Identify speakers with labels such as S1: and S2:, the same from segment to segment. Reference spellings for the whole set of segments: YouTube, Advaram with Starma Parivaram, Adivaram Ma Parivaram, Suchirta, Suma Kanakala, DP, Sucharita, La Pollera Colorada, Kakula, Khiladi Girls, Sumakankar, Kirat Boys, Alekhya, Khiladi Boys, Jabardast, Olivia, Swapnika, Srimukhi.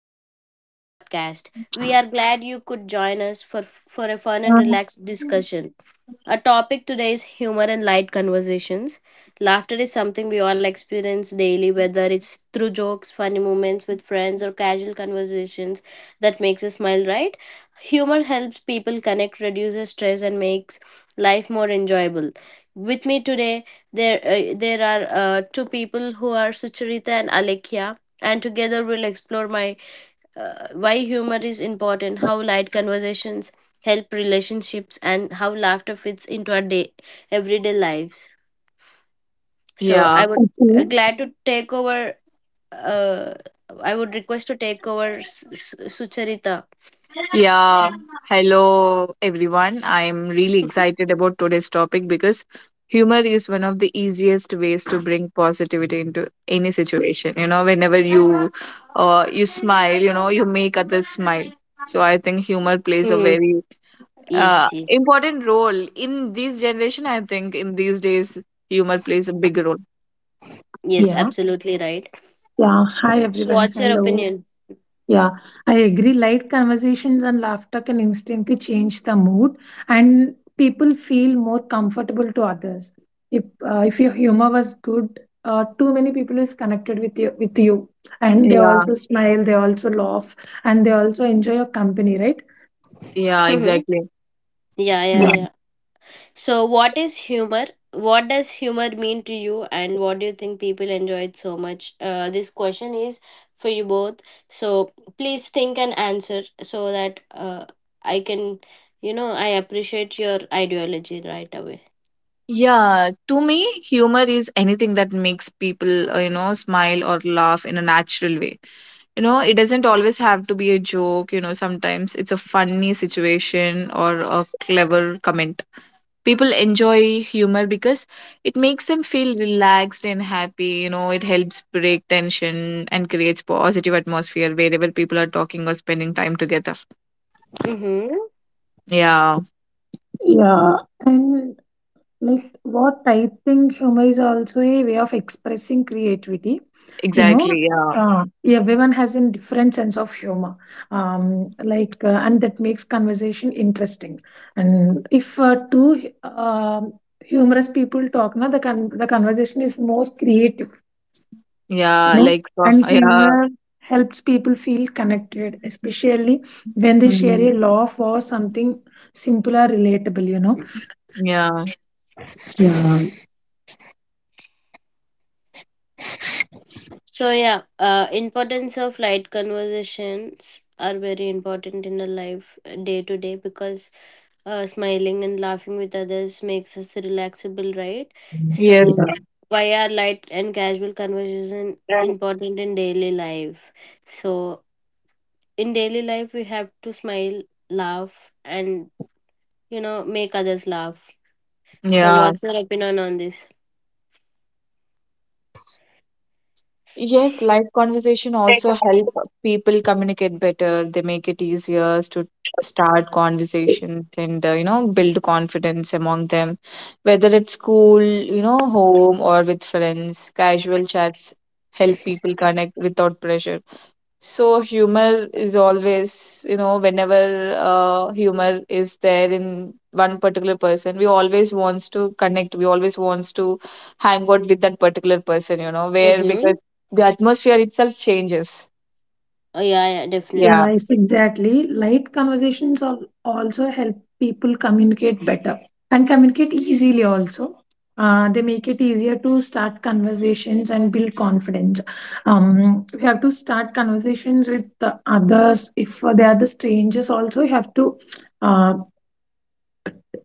S1: welcome to today's podcast. We are glad you could join us for a fun and relaxed discussion. Our topic today is humor and light conversations. Laughter is something we all experience daily, whether it's through jokes, funny moments with friends, or casual conversations that makes us smile, right? Humor helps people connect, reduces stress, and makes life more enjoyable. With me today, there are two people who are Sucharita and Alekhya, and together we'll explore my why humor is important, how light conversations help relationships, and how laughter fits into our day everyday lives. So
S2: Yeah,
S1: I would
S3: Mm,
S1: glad to take over. Uh, I would request to take over Sucharita.
S2: yeah. Hello, everyone. I'm really excited about today's topic because humor is one of the easiest ways to bring positivity into any situation. You know, whenever you smile, you know, you make others smile. So I think humor plays a
S1: Hmm.
S2: very
S1: Yes, yes,
S2: important role in this generation. I think in these days, humor plays a big role.
S1: yes.
S3: yeah,
S1: Absolutely right.
S3: yeah. Hi,
S1: So,
S3: everyone.
S1: what's your
S3: Hello.
S1: opinion?
S3: Yeah, I agree. Light conversations and laughter can instantly change the mood, and people feel more comfortable to others. If if your humor was good, too many people is connected with you, and they
S2: Yeah,
S3: also smile, they also laugh, and they also enjoy your company, right?
S2: yeah, exactly.
S1: Yeah, yeah,
S3: Yeah,
S1: yeah. So, what is humor? What does humor mean to you, and what do you think people enjoy it so much? This question is for you both. So, please think and answer so that I can, you know, I appreciate your ideology right away.
S2: Yeah, to me, humor is anything that makes people, you know, smile or laugh in a natural way. You know, it doesn't always have to be a joke, you know, sometimes it's a funny situation or a clever comment. People enjoy humor because it makes them feel relaxed and happy, you know, it helps break tension and creates positive atmosphere wherever people are talking or spending time together.
S1: Mm-hmm.
S2: Yeah,
S3: yeah, and like what I think humor is also a way of expressing creativity. You know,
S2: exactly. Yeah.
S3: everyone has a different sense of humor, like, and that makes conversation interesting. And if two humorous people talk, now the the conversation is more creative. You
S2: Yeah,
S3: know,
S2: like,
S3: and
S2: yeah.
S3: humor helps people feel connected, especially when they share a
S2: Mm,
S3: laugh or something simple or relatable. You know.
S2: yeah.
S3: Yeah.
S1: So yeah, importance of light conversations are very important in our life day to day, because smiling and laughing with others makes us relaxable, right?
S2: Yes.
S1: So why are light and casual conversation important in daily life? So in daily life, we have to smile, laugh, and you know, make others laugh. So
S2: Yeah.
S1: what's your opinion on this?
S2: Yes, live conversation also help people communicate better. They make it easier to start conversations and you know build confidence among them, whether at school, you know, home or with friends. Casual chats help people connect without pressure. So humor is always, you know, whenever humor is there in one particular person, we always wants to connect. We always wants to hang out with that particular person, you know, where
S1: Mm-hmm.
S2: because the atmosphere itself changes.
S1: Oh yeah, yeah,
S2: Yeah.
S1: definitely.
S3: Yeah, yes, exactly. Light conversations also help people communicate better and communicate easily also. They make it easier to start conversations and build confidence. We have to start conversations with the others. If they are the strangers, also you have to uh,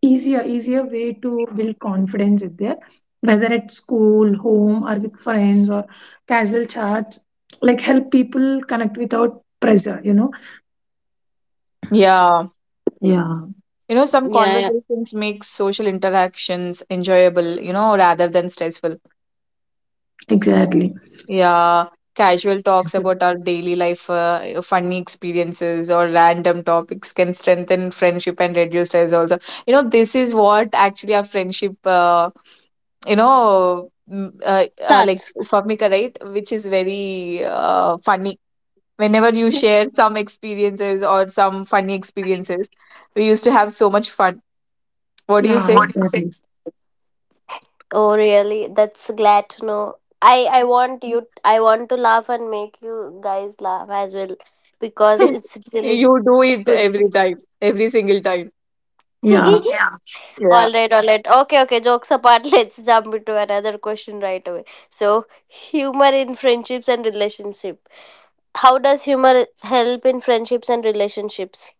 S3: easier way to build confidence is there. Whether at school, home, or with friends or casual chats, like help people connect without pressure. You know.
S2: Yeah.
S3: Yeah.
S2: You know, some
S1: Yeah,
S2: conversations make social interactions enjoyable, you know, rather than stressful.
S3: Exactly.
S2: Yeah, casual talks
S1: yeah.
S2: about our daily life, funny experiences, or random topics can strengthen friendship and reduce stress also. You know, this is what actually our friendship, like
S1: Starts.
S2: Swapnika, right? Which is very funny. Whenever you share some experiences or some funny experiences, we used to have so much fun. What do you
S3: Yeah,
S2: say?
S3: exactly.
S1: Oh, really? That's glad to know. I want you. I want to laugh and make you guys laugh as well, because it's really
S2: You do it
S1: good.
S2: every time, every single time.
S3: Yeah,
S1: Yeah.
S2: Yeah.
S1: All right. All right. Okay. Okay. Jokes apart. Let's jump into another question right away. So, humor in friendships and relationship. How does humor help in friendships and relationships?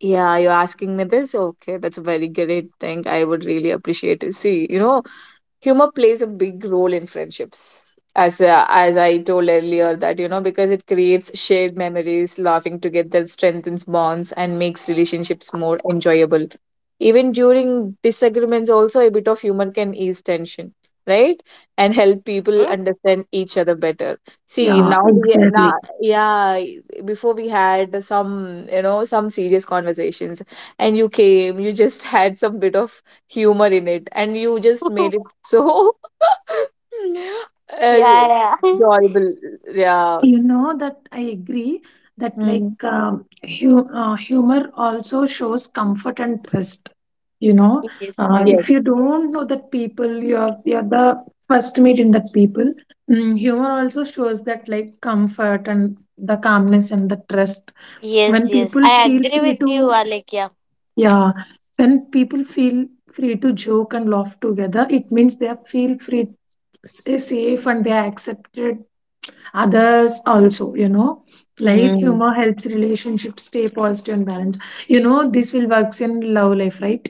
S2: Yeah, you're asking me this? Okay, that's a very great thing. I would really appreciate it. See, you know, humor plays a big role in friendships as I told earlier that you know because it creates shared memories, laughing together strengthens bonds and makes relationships more enjoyable, even during disagreements also a bit of humor can ease tension, right, and help people
S1: Hmm?
S2: understand each other better. See
S3: yeah,
S2: now we now
S3: exactly.
S2: yeah, before we had some, you know, some serious conversations, and you came, you just had some bit of humor in it, and you just made it so
S1: Yeah. Yeah.
S2: enjoyable. Yeah.
S3: You know that I agree that like
S2: Mm.
S3: humor also shows comfort and trust. You know,
S1: Yes.
S2: Yes.
S3: if
S1: Yes.
S3: you don't know that people, you're the first meet in that people. Humor also shows that like comfort and the calmness and the trust.
S1: Yes,
S3: When
S1: yes.
S3: people
S1: I
S3: feel
S1: agree
S3: free
S1: with you,
S3: to,
S1: Alekia.
S3: yeah, when people feel free to joke and laugh together, it means they feel free, safe, and they are accepted others also. You know, light
S2: Mm.
S3: humor helps relationships stay positive and balanced. You know, this will works in love life, right?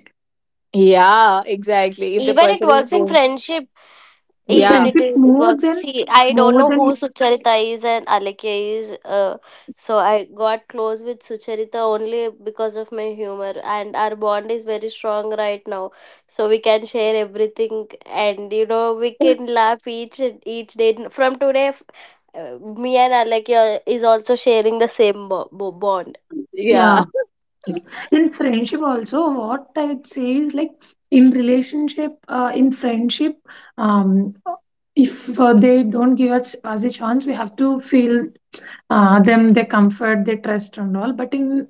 S2: Yeah, exactly if the
S1: Even it
S2: person is
S1: works in
S2: wrong.
S1: friendship.
S3: In
S2: Yeah,
S1: Even it
S3: friendship,
S1: is It
S3: more
S1: works.
S3: than
S1: See, I don't
S3: more
S1: know who
S3: than
S1: Sucharita is and Alekya is. So I got close with Sucharita only because of my humor, and our bond is very strong right now. So we can share everything, and you know we can laugh each day. From today, me and Alekya is also sharing the same bond.
S2: yeah.
S3: yeah, in friendship also, what I would say is like in relationship, in friendship, um, if they don't give us a chance, we have to feel. Them they comfort, they trust and all. But in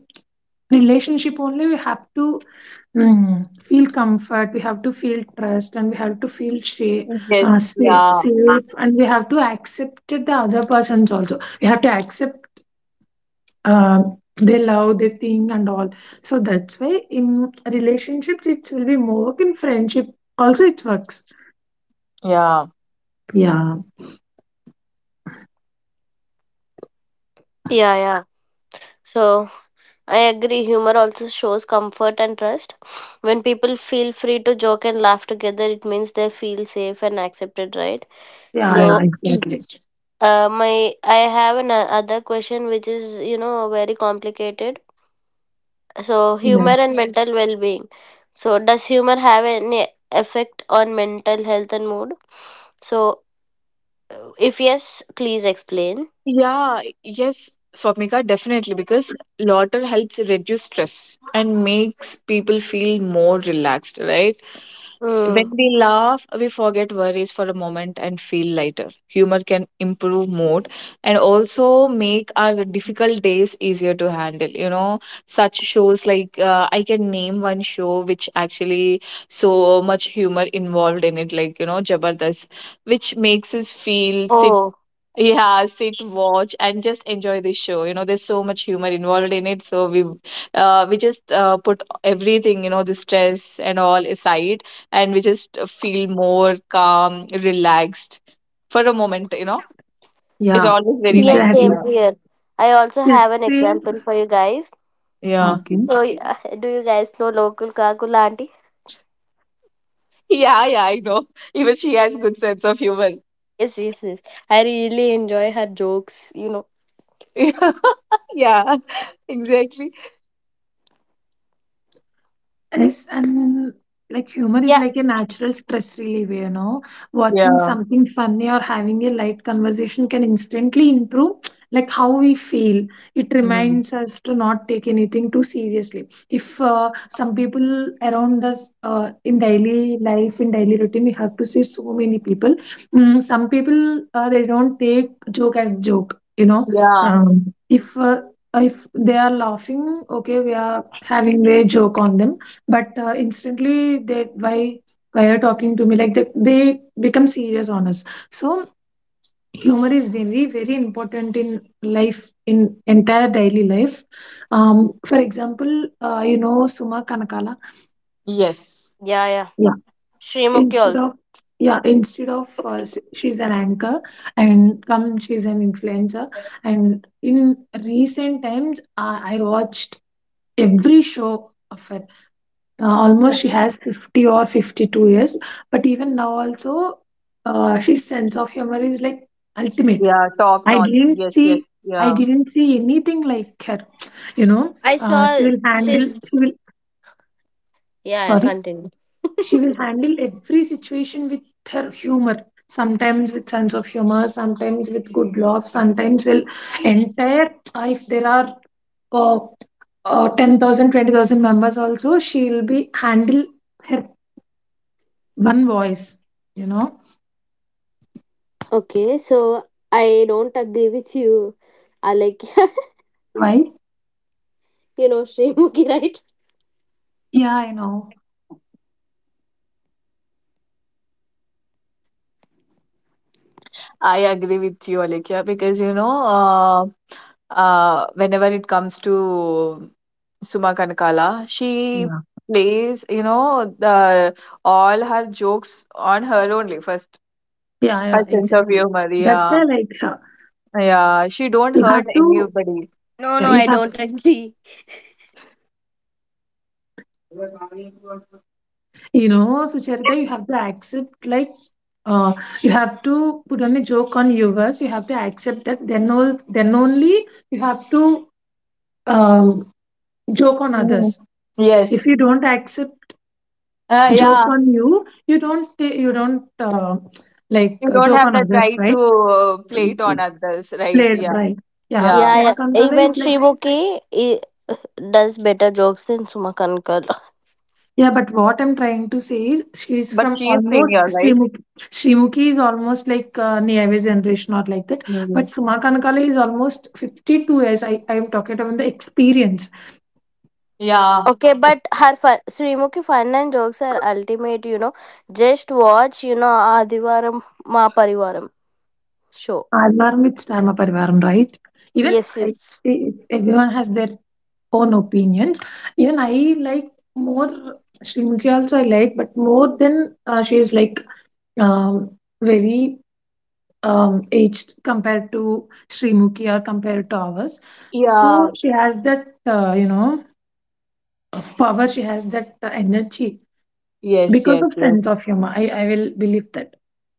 S3: relationship only, we have to feel comfort, we have to feel trust, and we have to feel
S2: Yes. Yeah,
S3: safe, and we have to accept the other persons also. We have to accept uh, they love, they think and all. So that's why in relationships it will be more work. In friendship also it works.
S2: yeah.
S3: Yeah,
S1: Yeah, yeah. So I agree. Humor also shows comfort and trust. When people feel free to joke and laugh together, it means they feel safe and accepted, right?
S3: yeah, yeah,
S1: So,
S2: Yes.
S3: exactly.
S1: my I have an other question which is you know very complicated. So,
S3: Yeah,
S1: humor and Yes. mental well-being. So, does humor have any effect on mental health and mood? So, if yes, please explain.
S2: Yeah. Yes, Swapnika, definitely because laughter helps reduce stress and makes people feel more relaxed, right.
S1: Mm.
S2: When we laugh, we forget worries for a moment and feel lighter. Humor can improve mood and also make our difficult days easier to handle. You know, such shows like I can name one show which actually so much humor involved in it, like, you know, Jabardast, which makes us feel sit.
S1: Oh,
S2: Yeah, sit, watch, and just enjoy the show. You know, there's so much humor involved in it, so we just put everything, you know, the stress and all aside, and we just feel more calm, relaxed for a moment, you know. It's
S3: yeah,
S2: always very nice.
S1: yes, same
S3: exactly.
S2: Yeah.
S1: here. I also
S3: The
S1: have an
S3: same.
S1: example for you guys.
S2: Yeah.
S3: Okay.
S1: So, yeah, do you guys know local Kakula auntie?
S2: Yeah, yeah, I know. Even she has good sense of humor.
S1: Yes, yes, yes. I really enjoy her jokes, you know.
S2: Yeah. Yeah, exactly.
S3: Yes, I mean, like humor is
S1: Yeah,
S3: like a natural stress reliever, you know. Watching
S2: Yeah.
S3: something funny or having a light conversation can instantly improve like how we feel. It
S2: Mhm.
S3: reminds us to not take anything too seriously. If some people around us, in daily life, in daily routine, we have to see so many people. Some people, they don't take joke as joke, you know.
S2: Yeah.
S3: Um, if uh, if they are laughing, okay, we are having a joke on them, but instantly, they by talking to me like, they become serious on us. So humor is very very important in life, in entire daily life, for example, you know, suma kanakala.
S2: Yes.
S1: yeah, yeah.
S3: Yeah,
S1: Srimukhi
S3: instead
S1: also.
S3: of she's an anchor, and come, she's an influencer, and in recent times, I watched every show of her. Almost, she has 50 or 52 years, but even now also, she sense of humor is like ultimate.
S2: Yeah, top
S3: i
S2: notch.
S3: didn't
S2: Yes, yes,
S3: see i
S2: yeah.
S3: didn't see anything like her. you know,
S1: I
S3: she
S1: saw
S3: will handle,
S1: she's.
S3: she will,
S1: Yeah, yeah,
S3: sorry,
S1: continue.
S3: she will handle every situation with her humor, sometimes with sense of humor, sometimes with good love, sometimes will entire, if there are, uh, 10,000 members also, she will be handle her one voice, you know?
S1: Okay, so I don't agree with you, Alek.
S3: Right?
S1: You know, Srimuki, right?
S3: Yeah, I know.
S2: I agree with you, Alekhya, because you know, whenever it comes to Suma Kanakala. She
S3: Yeah.
S2: plays, you know, the all her jokes on her only first.
S3: Yeah,
S2: Her
S3: yeah,
S2: sense of
S3: exactly.
S2: humor,
S3: That's
S2: yeah,
S3: where like,
S2: yeah. She don't
S3: you have
S2: hurt
S3: to,
S2: anybody.
S1: No,
S3: yeah,
S1: no,
S3: you
S1: I
S3: have,
S1: don't agree.
S3: you know, so Charita, you have to accept like, uh you have to put on a joke on viewers, you have to accept that then all, then only you have to um joke on
S2: Mm.
S3: others. If
S2: Yes.
S3: you don't accept jokes
S2: Yeah.
S3: on you, you don't you don't like,
S2: You don't
S3: joke
S2: have
S3: on
S2: that
S3: others,
S2: right
S3: right?
S2: to play it on
S3: Mhm.
S2: others, right?
S3: Played
S2: Yeah.
S3: right. Yeah,
S2: Yeah.
S1: Yeah,
S3: Suma
S1: yeah.
S3: Kankala
S1: Even
S3: is like.
S1: Does better jokes than Sumakankar.
S3: Yeah, but what I'm trying to say is she's
S2: But
S3: from
S2: she is
S3: almost
S2: senior, right?
S3: Srimukhi. Srimukhi is almost like, Niyave's generation or like that.
S2: Mm.
S3: But Suma Kanakala is almost 52 years. I am talking about the experience.
S2: Yeah.
S1: Okay, but her fun, Srimuki fun and jokes are ultimate, you know. Just watch, you know, Adivaram Ma Parivaram show.
S3: Advaram with Starma Parivaram, right? Even
S1: Yes,
S3: I,
S1: yes.
S3: if everyone has their own opinions. Even I like more Srimukhi also, I like, but more than, she is like, um, very, aged compared to Sri Mukhi or compared to ours.
S2: Yeah.
S3: So she has that, you know, power. She has that energy
S2: Yes,
S3: because
S2: yes,
S3: of
S2: yes.
S3: sense of humor. I will believe that.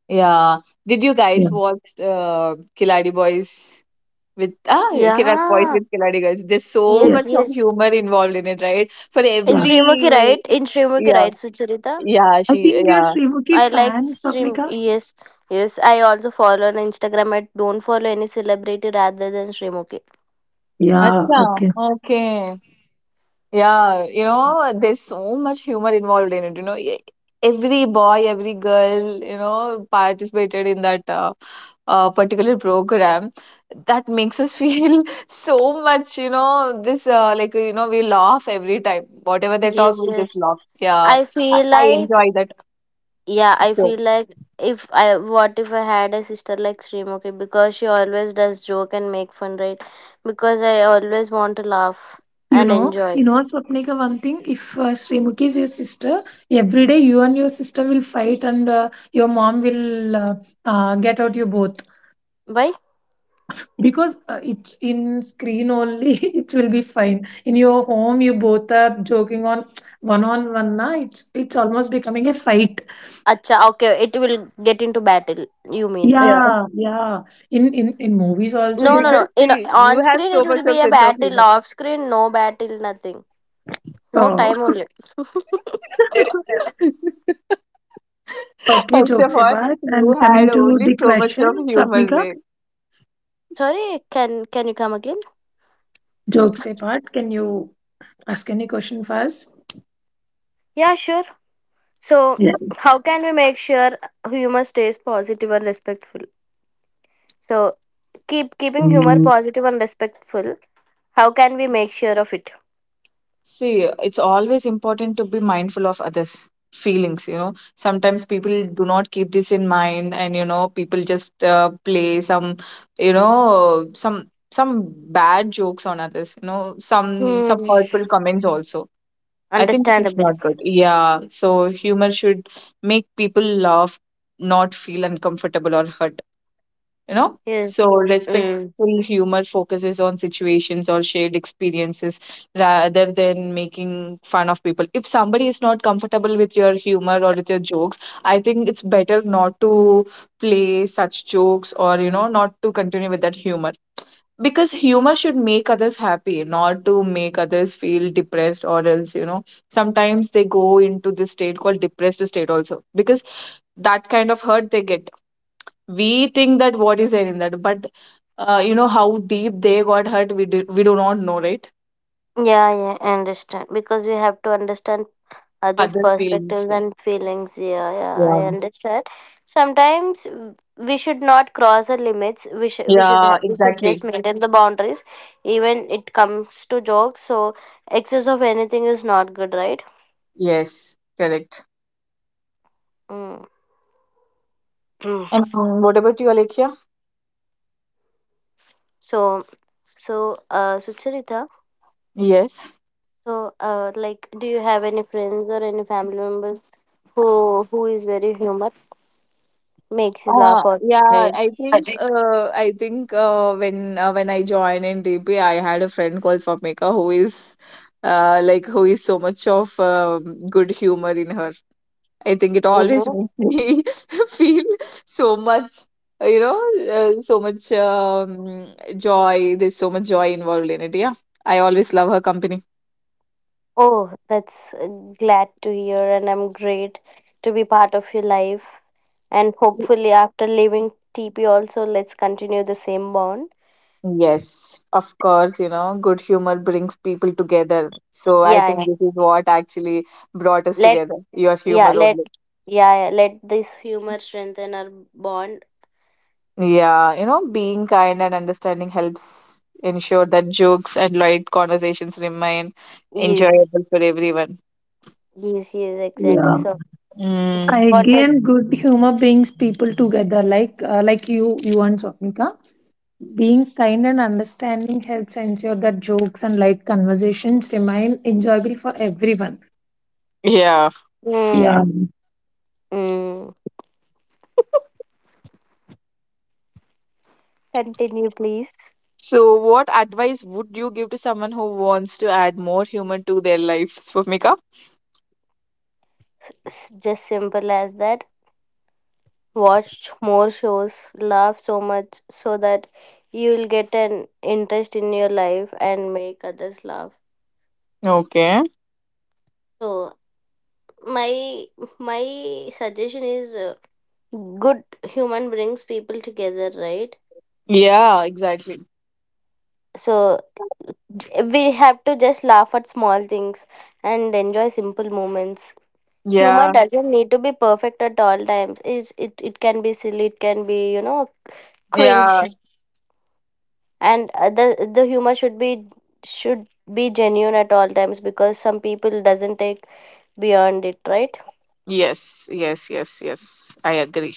S2: Yeah. Did you guys
S3: Yeah,
S2: watch Khiladi Boys? With Kirat Boys
S1: Yeah.
S2: with Khiladi Girls. There's so
S3: yeah,
S1: Yes,
S2: much of
S1: yes.
S2: humor involved in it, right? For
S1: In
S3: yeah,
S2: every
S1: Srimuki, right? In Srimuki,
S2: yeah,
S1: right, Sucharita?
S2: yeah,
S3: I
S2: she
S3: think you're
S2: yeah.
S3: Sri Mukhi
S1: I like
S3: fan,
S1: Srimuki.
S3: Swapnika.
S1: Yes, yes. I also follow on Instagram. I don't follow any celebrity rather than Srimuki.
S3: Yeah.
S2: Acha,
S3: Okay.
S2: okay. Yeah, you know, there's so much humor involved in it. You know, every boy, every girl, you know, participated in that particular program. That makes us feel so much, you know, this like you know, we laugh every time. Whatever they talk,
S1: Yes,
S2: we just
S1: yes.
S2: laugh. Yeah,
S1: I feel
S2: I
S1: like
S2: enjoy that.
S1: yeah, I feel
S2: So,
S1: like if I what if I had a sister like Srimoki, because she always does joke and make fun, right? Because I always want to laugh and enjoy.
S3: You know, Swapnika, one thing. If Sri Mukhi is your sister, every day you and your sister will fight, and your mom will get out you both.
S1: Why?
S3: Because it's in screen only, it will be fine. In your home, you both are joking on one on one. Na, it's almost becoming a fight.
S1: Acha, okay, it will get into battle you mean, right?
S2: yeah,
S3: Yeah, yeah. In movies also,
S1: no
S3: you
S1: no no
S2: because
S3: know.
S1: in
S2: see, you
S1: On
S2: have
S1: screen it
S2: so much
S1: will be
S2: of
S1: a
S2: sense of
S1: battle,
S2: humor.
S1: off screen no battle, nothing. No
S3: Oh,
S1: time only.
S3: okay.
S2: First of
S3: Jokes
S2: all,
S3: apart,
S2: you
S3: and coming
S2: had
S3: to
S2: only
S3: the
S2: so much
S3: question,
S2: of humor
S3: Swapnika.
S2: there.
S1: I'm sorry, can you come again?
S3: Jokes apart, can you ask any question first?
S1: Yeah, sure. So
S3: Yeah.
S1: how can we make sure humor stays positive and respectful? So Keep keeping humor positive and respectful, how can we make sure of it?
S2: See, it's always important to be mindful of others' feelings, you know. Sometimes people do not keep this in mind, and you know, people just play some, you know, some bad jokes on others, you know, some
S1: Hmm.
S2: hurtful comments also. I think it's
S1: Understandable.
S2: not good. Yeah. So humor should make people laugh, not feel uncomfortable or hurt, you know? So
S1: Yes.
S2: respectful
S1: Mm.
S2: humor focuses on situations or shared experiences rather than making fun of people. If somebody is not comfortable with your humor or with your jokes, I think it's better not to play such jokes or, you know, not to continue with that humor because humor should make others happy, not to make others feel depressed or else, you know, sometimes they go into this state called depressed state also because that kind of hurt they get, we think that what is there in that, but you know how deep they got hurt, we do not know, right?
S1: Yeah, yeah, I understand. Because we have to understand others'
S2: Others feelings,
S1: perspectives and feelings. Yeah, yeah,
S2: yeah,
S1: I understand. Sometimes we should not cross the limits. We should we should ha-
S2: yeah,
S1: we should just
S2: exactly.
S1: maintain the boundaries. Even it comes to jokes. So excess of anything is not good, right?
S2: Yes, correct.
S1: Mm.
S2: And what about you, alekia
S1: So so Sucharita,
S2: yes.
S1: so, like, do you have any friends or any family members who is very humor, makes you laugh all the
S2: Yeah,
S1: time?
S2: I think when I joined in DP, I had a friend called Swapnika who is like who is so much of good humor in her. I think it always
S1: Mm-hmm.
S2: makes me feel so much, you know, so much joy. There's so much joy involved in it. Yeah, I always love her company.
S1: Oh, that's glad to hear, and I'm great to be part of your life. And hopefully, after leaving TP, also let's continue the same bond.
S2: Yes, of course, you know, good humor brings people together. So I
S1: Yeah,
S2: think
S1: yeah.
S2: this is what actually brought us
S1: Let
S2: together, your
S1: yeah
S2: humor
S1: let
S2: only.
S1: yeah Let this humor strengthen our bond.
S2: Yeah, you know, being kind and understanding helps ensure that jokes and light conversations remain
S1: Yes,
S2: enjoyable for everyone.
S1: yes, yes, exactly.
S3: Yeah,
S1: So it's
S2: Mm,
S1: important.
S3: again, good humor brings people together. Like, like you and Swapnika, being kind and understanding helps ensure that jokes and light conversations remain enjoyable for everyone.
S2: yeah.
S3: Yeah.
S1: Mm, mm. Continue, please.
S2: So what advice would you give to someone who wants to add more humor to their life, Swapnika?
S1: Just simple as that: watch more shows, laugh so much, so that you will get an interest in your life and make others laugh.
S2: Okay.
S1: So my my suggestion is, good human brings people together, right?
S2: Yeah, exactly.
S1: So we have to just laugh at small things and enjoy simple moments. Humor
S2: Yeah,
S1: doesn't need to be perfect at all times. It can be silly, it can be, you know,
S2: yeah,
S1: cringe, and the humor should be genuine at all times, because some people doesn't take beyond it, right?
S2: yes, yes, yes, yes. I agree.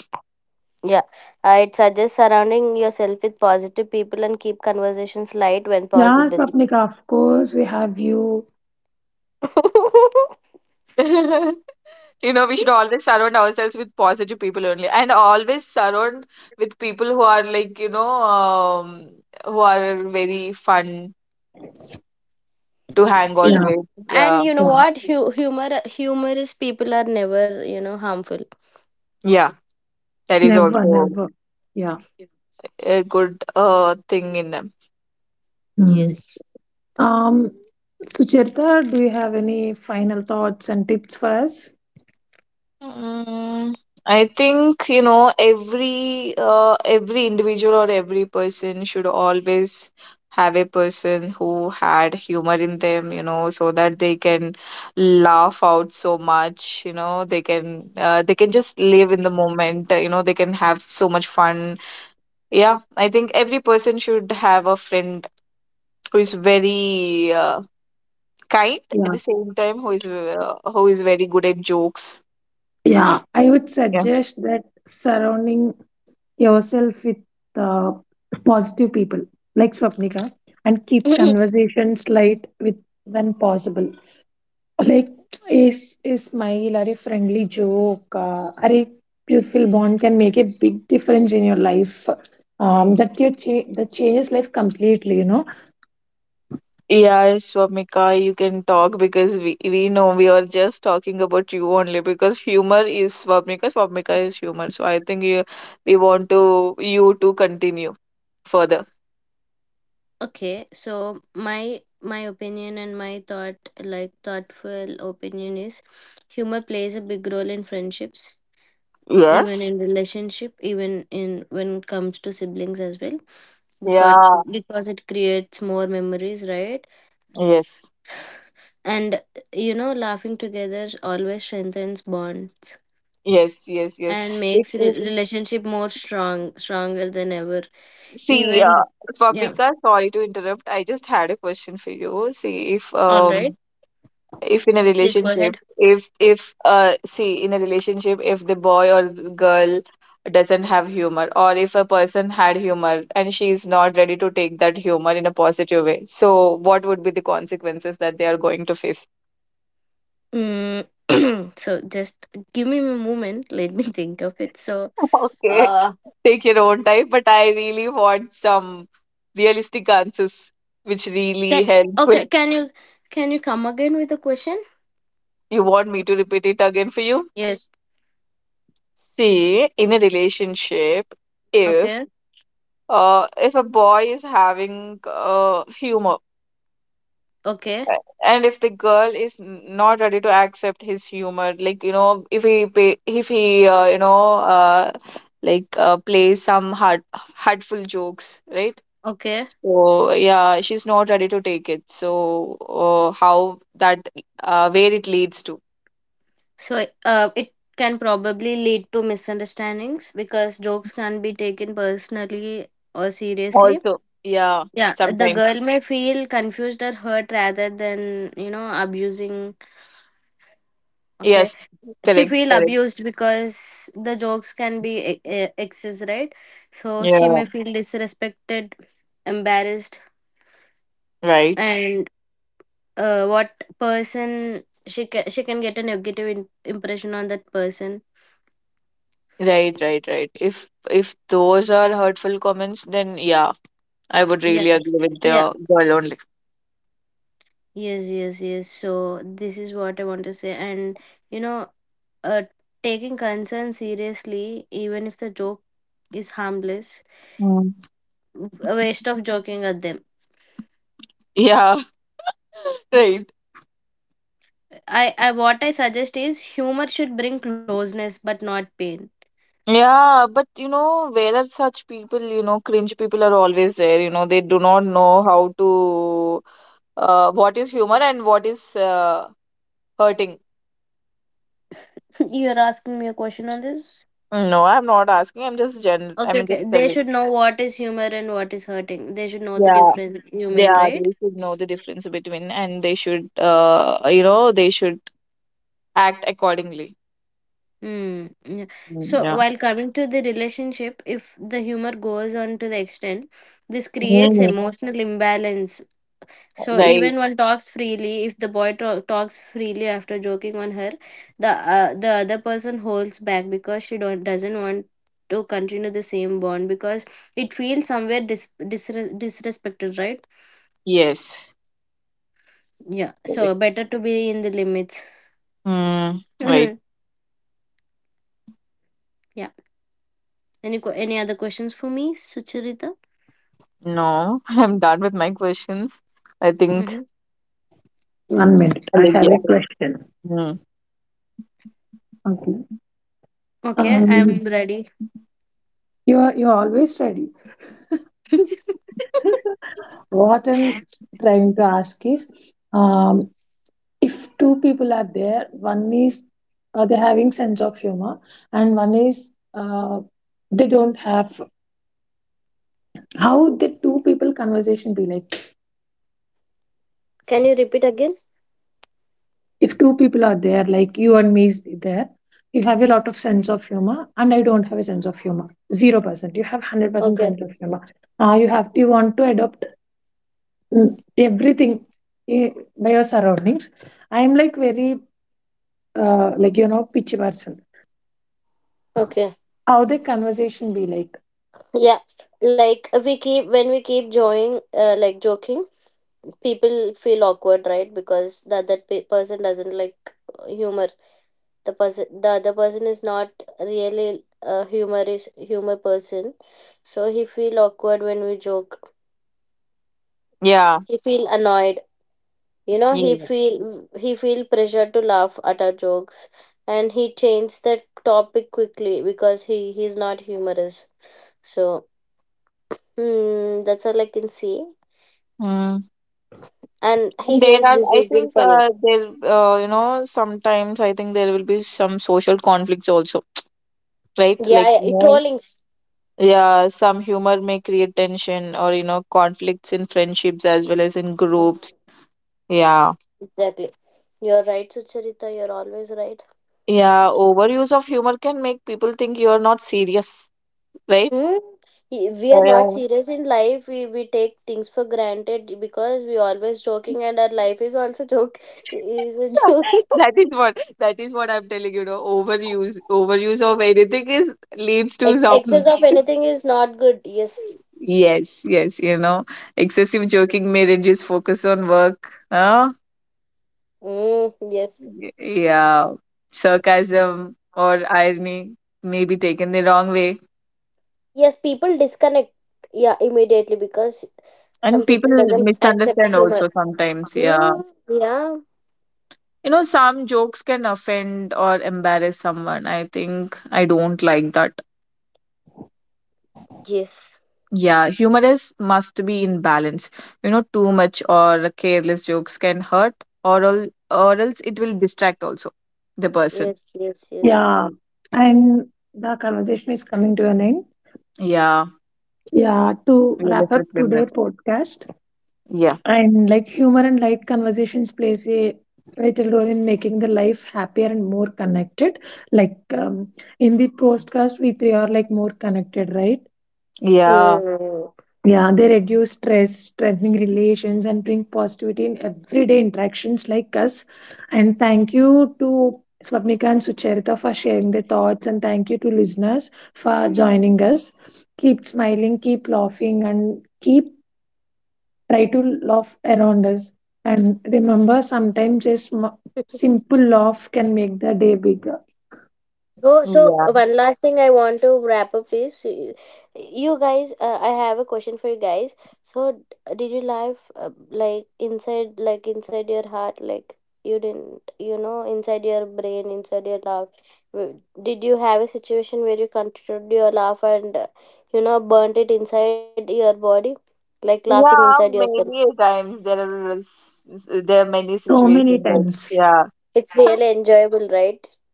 S1: Yeah, I'd suggest surrounding yourself with positive people and keep conversations light when
S3: Yeah,
S1: possible.
S3: Swapnika, of course, we have you.
S2: You know, we should always surround ourselves with positive people only, and always surround with people who are like, you know, who are very fun to hang out
S1: See,
S3: Yeah,
S2: with.
S1: and
S2: Yeah,
S1: you know
S3: yeah.
S1: what, humorous people are never, you know, harmful.
S2: yeah, that is
S3: Never,
S2: also
S3: never. Yeah.
S2: a good thing in them.
S3: Mm.
S1: Yes.
S3: Um, Suchirta, do you have any final thoughts and tips for us?
S2: Mm, I think, you know, every individual or every person should always have a person who had humor in them, you know, so that they can laugh out so much, you know, they can just live in the moment, you know, they can have so much fun. Yeah, I think every person should have a friend who is very kind at
S3: Yeah,
S2: the same time, who is very good at jokes.
S3: yeah, I would
S2: Yeah.
S3: suggest that surrounding yourself with, uh, positive people like Swapnika, and keep conversations light with when possible. Like a, a smile or a friendly joke, or a beautiful bond can make a big difference in your life. That your that changes life completely. You know.
S2: Yeah, Swamika, you can talk because we know we are just talking about you only because humor is Swamika, Swamika is humor. So I think you, we want to you to continue further.
S1: Okay, so my opinion and my thought, like thoughtful opinion, is humor plays a big role in friendships, even
S2: Yes.
S1: in relationship, even in when it comes to siblings as well, because
S2: Yeah.
S1: because it creates more memories, right?
S2: Yes.
S1: And you know, laughing together always strengthens bond
S2: Yes. Yes. Yes.
S1: and makes
S2: If,
S1: relationship more stronger than ever.
S2: see,
S1: Even yeah,
S2: Swamika, sorry to interrupt. I just had a question for you. See,
S1: all right,
S2: if in a
S1: please go
S2: relationship,
S1: ahead.
S2: if see in a relationship, if the boy or the girl doesn't have humor, or if a person had humor and she is not ready to take that humor in a positive way, so what would be the consequences that they are going to face?
S1: Mm. So just give me a moment, let me think of it. So
S2: Okay,
S1: uh
S2: take your own time, but I really want some realistic answers which
S1: can,
S2: really helpful.
S1: okay, can you come again with the question?
S2: You want me to repeat it again for you?
S1: Yes.
S2: See, in a relationship, if
S1: Okay.
S2: If a boy is having humor,
S1: Okay.
S2: a- and if the girl is not ready to accept his humor, like you know, if he like plays some hurtful jokes, right?
S1: Okay,
S2: So yeah, she's not ready to take it. So how that where it leads to
S1: so it can probably lead to misunderstandings because jokes can be taken personally or seriously.
S2: also, yeah,
S1: Yeah, the
S2: sometimes,
S1: girl may feel confused or hurt rather than, you know, abusing. Okay,
S2: yes,
S1: she
S2: correct,
S1: feel
S2: correct,
S1: abused because the jokes can be excess, right? So she
S2: yeah,
S1: may feel disrespected, embarrassed,
S2: right.
S1: and what person she can get a negative impression on that person.
S2: Right, right, right. If those are hurtful comments, then yeah, I would really
S1: Yeah.
S2: agree with the
S1: Yeah,
S2: girl only.
S1: yes, yes, yes. So this is what I want to say. And you know, uh, taking concern seriously, even if the joke is harmless,
S2: Mm.
S1: a waste of joking at them.
S2: Yeah, right.
S1: I What I suggest is humor should bring closeness but not pain.
S2: Yeah, but you know, where are such people? You know, cringe people are always there. You know, they do not know how to what is humor and what is hurting.
S1: You're asking me a question on this?
S2: No, I'm not asking. I'm just gen.
S1: Okay,
S2: I'm just
S1: okay. They
S2: telling.
S1: should know what is humor and what is hurting. They should know the
S2: Yeah,
S1: difference. You mean,
S2: yeah.
S1: right?
S2: They should know the difference between, and they should you know, they should act accordingly.
S1: Mm, yeah.
S2: Mm,
S1: So
S2: yeah.
S1: while coming to the relationship, if the humor goes on to the extent, this creates
S2: Mm,
S1: emotional imbalance. So
S2: right.
S1: even one talks freely, if the boy talks freely after joking on her, the the other person holds back because she don't doesn't want to continue the same bond, because it feels somewhere disrespected, right?
S2: Yes.
S1: Yeah. So
S2: Correct.
S1: better to be in the limits.
S2: Mm, right.
S1: Yeah. Any any other questions for me, Sucharita?
S2: No, I'm done with my questions. I think
S1: Mm-hmm.
S3: One minute, I have
S2: Olivia.
S3: a question.
S2: Mm.
S3: Okay.
S1: Okay, I'm
S3: Um,
S1: ready.
S3: you are always ready. what I'm trying to ask is, if two people are there, one is, they're having sense of humor, and one is, they don't have. How would the two people conversation be like?
S1: Can you repeat again?
S3: If two people are there, like you and me is there, you have a lot of sense of humor, and I don't have a sense of humor. 0%. You have 100%
S1: Okay.
S3: sense of humor. You have you want to adopt mm, everything, eh, by your surroundings. I am like very, like, you know, pitchy person.
S1: Okay.
S3: How the conversation be like?
S1: Yeah. Like we keep when we keep joking, like joking, people feel awkward, right? Because that person doesn't like humor. The other person is not really a humor person, so he feel awkward when we joke.
S2: Yeah.
S1: He feel annoyed. You know,
S2: Yeah.
S1: he feel pressure to laugh at our jokes, and he changed the topic quickly because he he's not humorous, so hmm, that's all I can see.
S2: Mm.
S1: And
S2: And
S1: he
S2: there
S1: says
S2: are,
S1: this
S2: I
S1: isn't
S2: think,
S1: funny.
S2: you know, sometimes I think there will be some social conflicts also, right? Like,
S1: Yeah, yeah,
S2: you
S1: it
S2: know,
S1: trollings.
S2: yeah, some humor may create tension or, you know, conflicts in friendships as well as in groups.
S1: Mm,
S2: Yeah.
S1: exactly, you're right, Sucharita, you're always right.
S2: Yeah. Overuse of humor can make people think you are not serious, right?
S1: Hmm? We are not
S2: Yeah.
S1: serious in life. We take things for granted because we always joking, and our life is also joke is a joking.
S2: That is what, that is what I'm telling, you know, overuse of anything is leads to some.
S1: Excess of anything is not good. Yes.
S2: Yes, yes, you know, excessive joking may reduce focus on work, huh?
S1: Mm, yes.
S2: Yeah, sarcasm or irony may be taken the wrong way,
S1: Yes, people disconnect. Yeah, immediately because some
S2: and people
S1: people doesn't accept
S2: misunderstand
S1: humor.
S2: also sometimes, yeah,
S1: Mm, yeah.
S2: you know, some jokes can offend or embarrass someone, I think I don't like that.
S1: Yes.
S2: Yeah, humor is must be in balance. You know, too much or careless jokes can hurt, or else it will distract also the person.
S1: Yes. Yes. Yes.
S3: Yeah, and the conversation is coming to an end.
S2: Yeah,
S3: Yeah, to
S2: we're
S3: wrap
S2: left
S3: up
S2: with three
S3: today
S2: minutes.
S3: podcast
S2: Yeah,
S3: and like humor and light conversations plays a vital role in making the life happier and more connected. Like, in the podcast, we three are like more connected, right?
S2: yeah,
S1: Mm.
S3: Yeah, they reduce stress, strengthening relations, and bring positivity in everyday interactions like us. And thank you to Swapnika and Sucharita for sharing their thoughts, and thank you to listeners for joining us. Keep smiling, keep laughing, and keep try to laugh around us. And remember, sometimes a simple laugh can make the day bigger.
S1: So, so
S2: yeah,
S1: one last thing I want to wrap up is you guys. I have a question for you guys. So, did you live like inside your heart, like you didn't, you know, inside your brain, inside your laugh? w- Did you have a situation where you controlled your laugh and, you know, burnt it inside your body, like laughing inside
S2: yeah.
S1: yourself?
S2: Many a times there are there are many
S3: So many
S2: situations
S1: It's
S2: that,
S3: times.
S2: yeah.
S1: it's really enjoyable, right?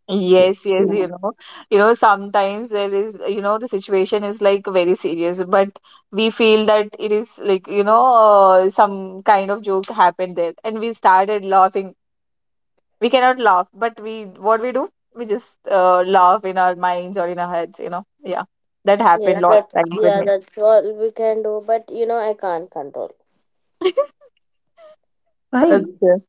S2: Yes, yes,
S3: Yeah.
S2: you know, sometimes there is, you know, the situation is like very serious, but we feel that it is like, you know, some kind of joke happened there, and we started laughing. We cannot laugh, but we, what we do, we just laugh in our minds or in our heads, you know. Yeah, that happened
S1: Yes,
S2: lot of
S1: that
S2: times with
S1: Yeah,
S2: me.
S1: that's all we can do. But you know, I can't control.
S3: Why?
S2: Okay.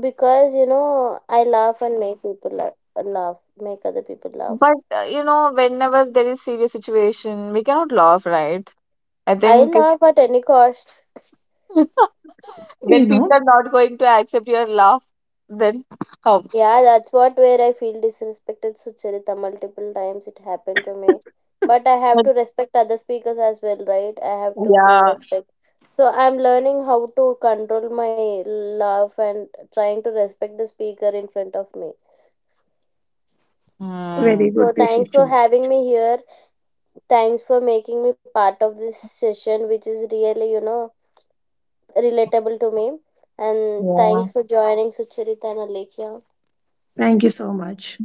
S1: Because you know, I laugh and make people laugh, make other people laugh.
S2: But you know, whenever there is serious situation, we cannot laugh, right? I
S1: I
S2: think.
S1: laugh at any cost.
S2: When
S3: You
S2: people
S3: know,
S2: are not going to accept your laugh, then how?
S1: Yeah, that's what where I feel disrespected, Sucharita. Multiple times it happened to me, but I have
S2: But
S1: to respect other speakers as well, right? I have to give
S2: yeah,
S1: respect. So I'm learning how to control my laugh and trying to respect the speaker in front of me.
S2: mm,
S3: very
S1: So
S3: good
S1: thanks for
S3: decision.
S1: having me here. Thanks for making me part of this session, which is really, you know, relatable to me. And
S2: yeah,
S1: thanks for joining, Sucharita and Alekhya.
S3: Thank you so much.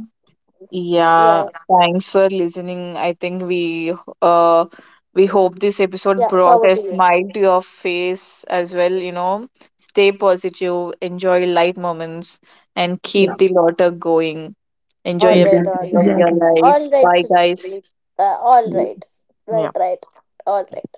S1: Yeah,
S2: yeah. Thanks for listening. I think uh we hope this episode
S1: yeah,
S2: brought
S1: forward
S2: a
S1: to you.
S2: smile to your face as well. You know, stay positive, enjoy light moments, and keep
S3: Yeah.
S2: the laughter going. Enjoy
S1: All
S2: every
S1: right,
S3: Exactly.
S1: all
S2: moment of
S1: right.
S2: your
S3: Exactly.
S2: life.
S1: All right,
S2: Bye, guys.
S1: Sucharita. All right, right,
S2: Yeah.
S1: right. All right.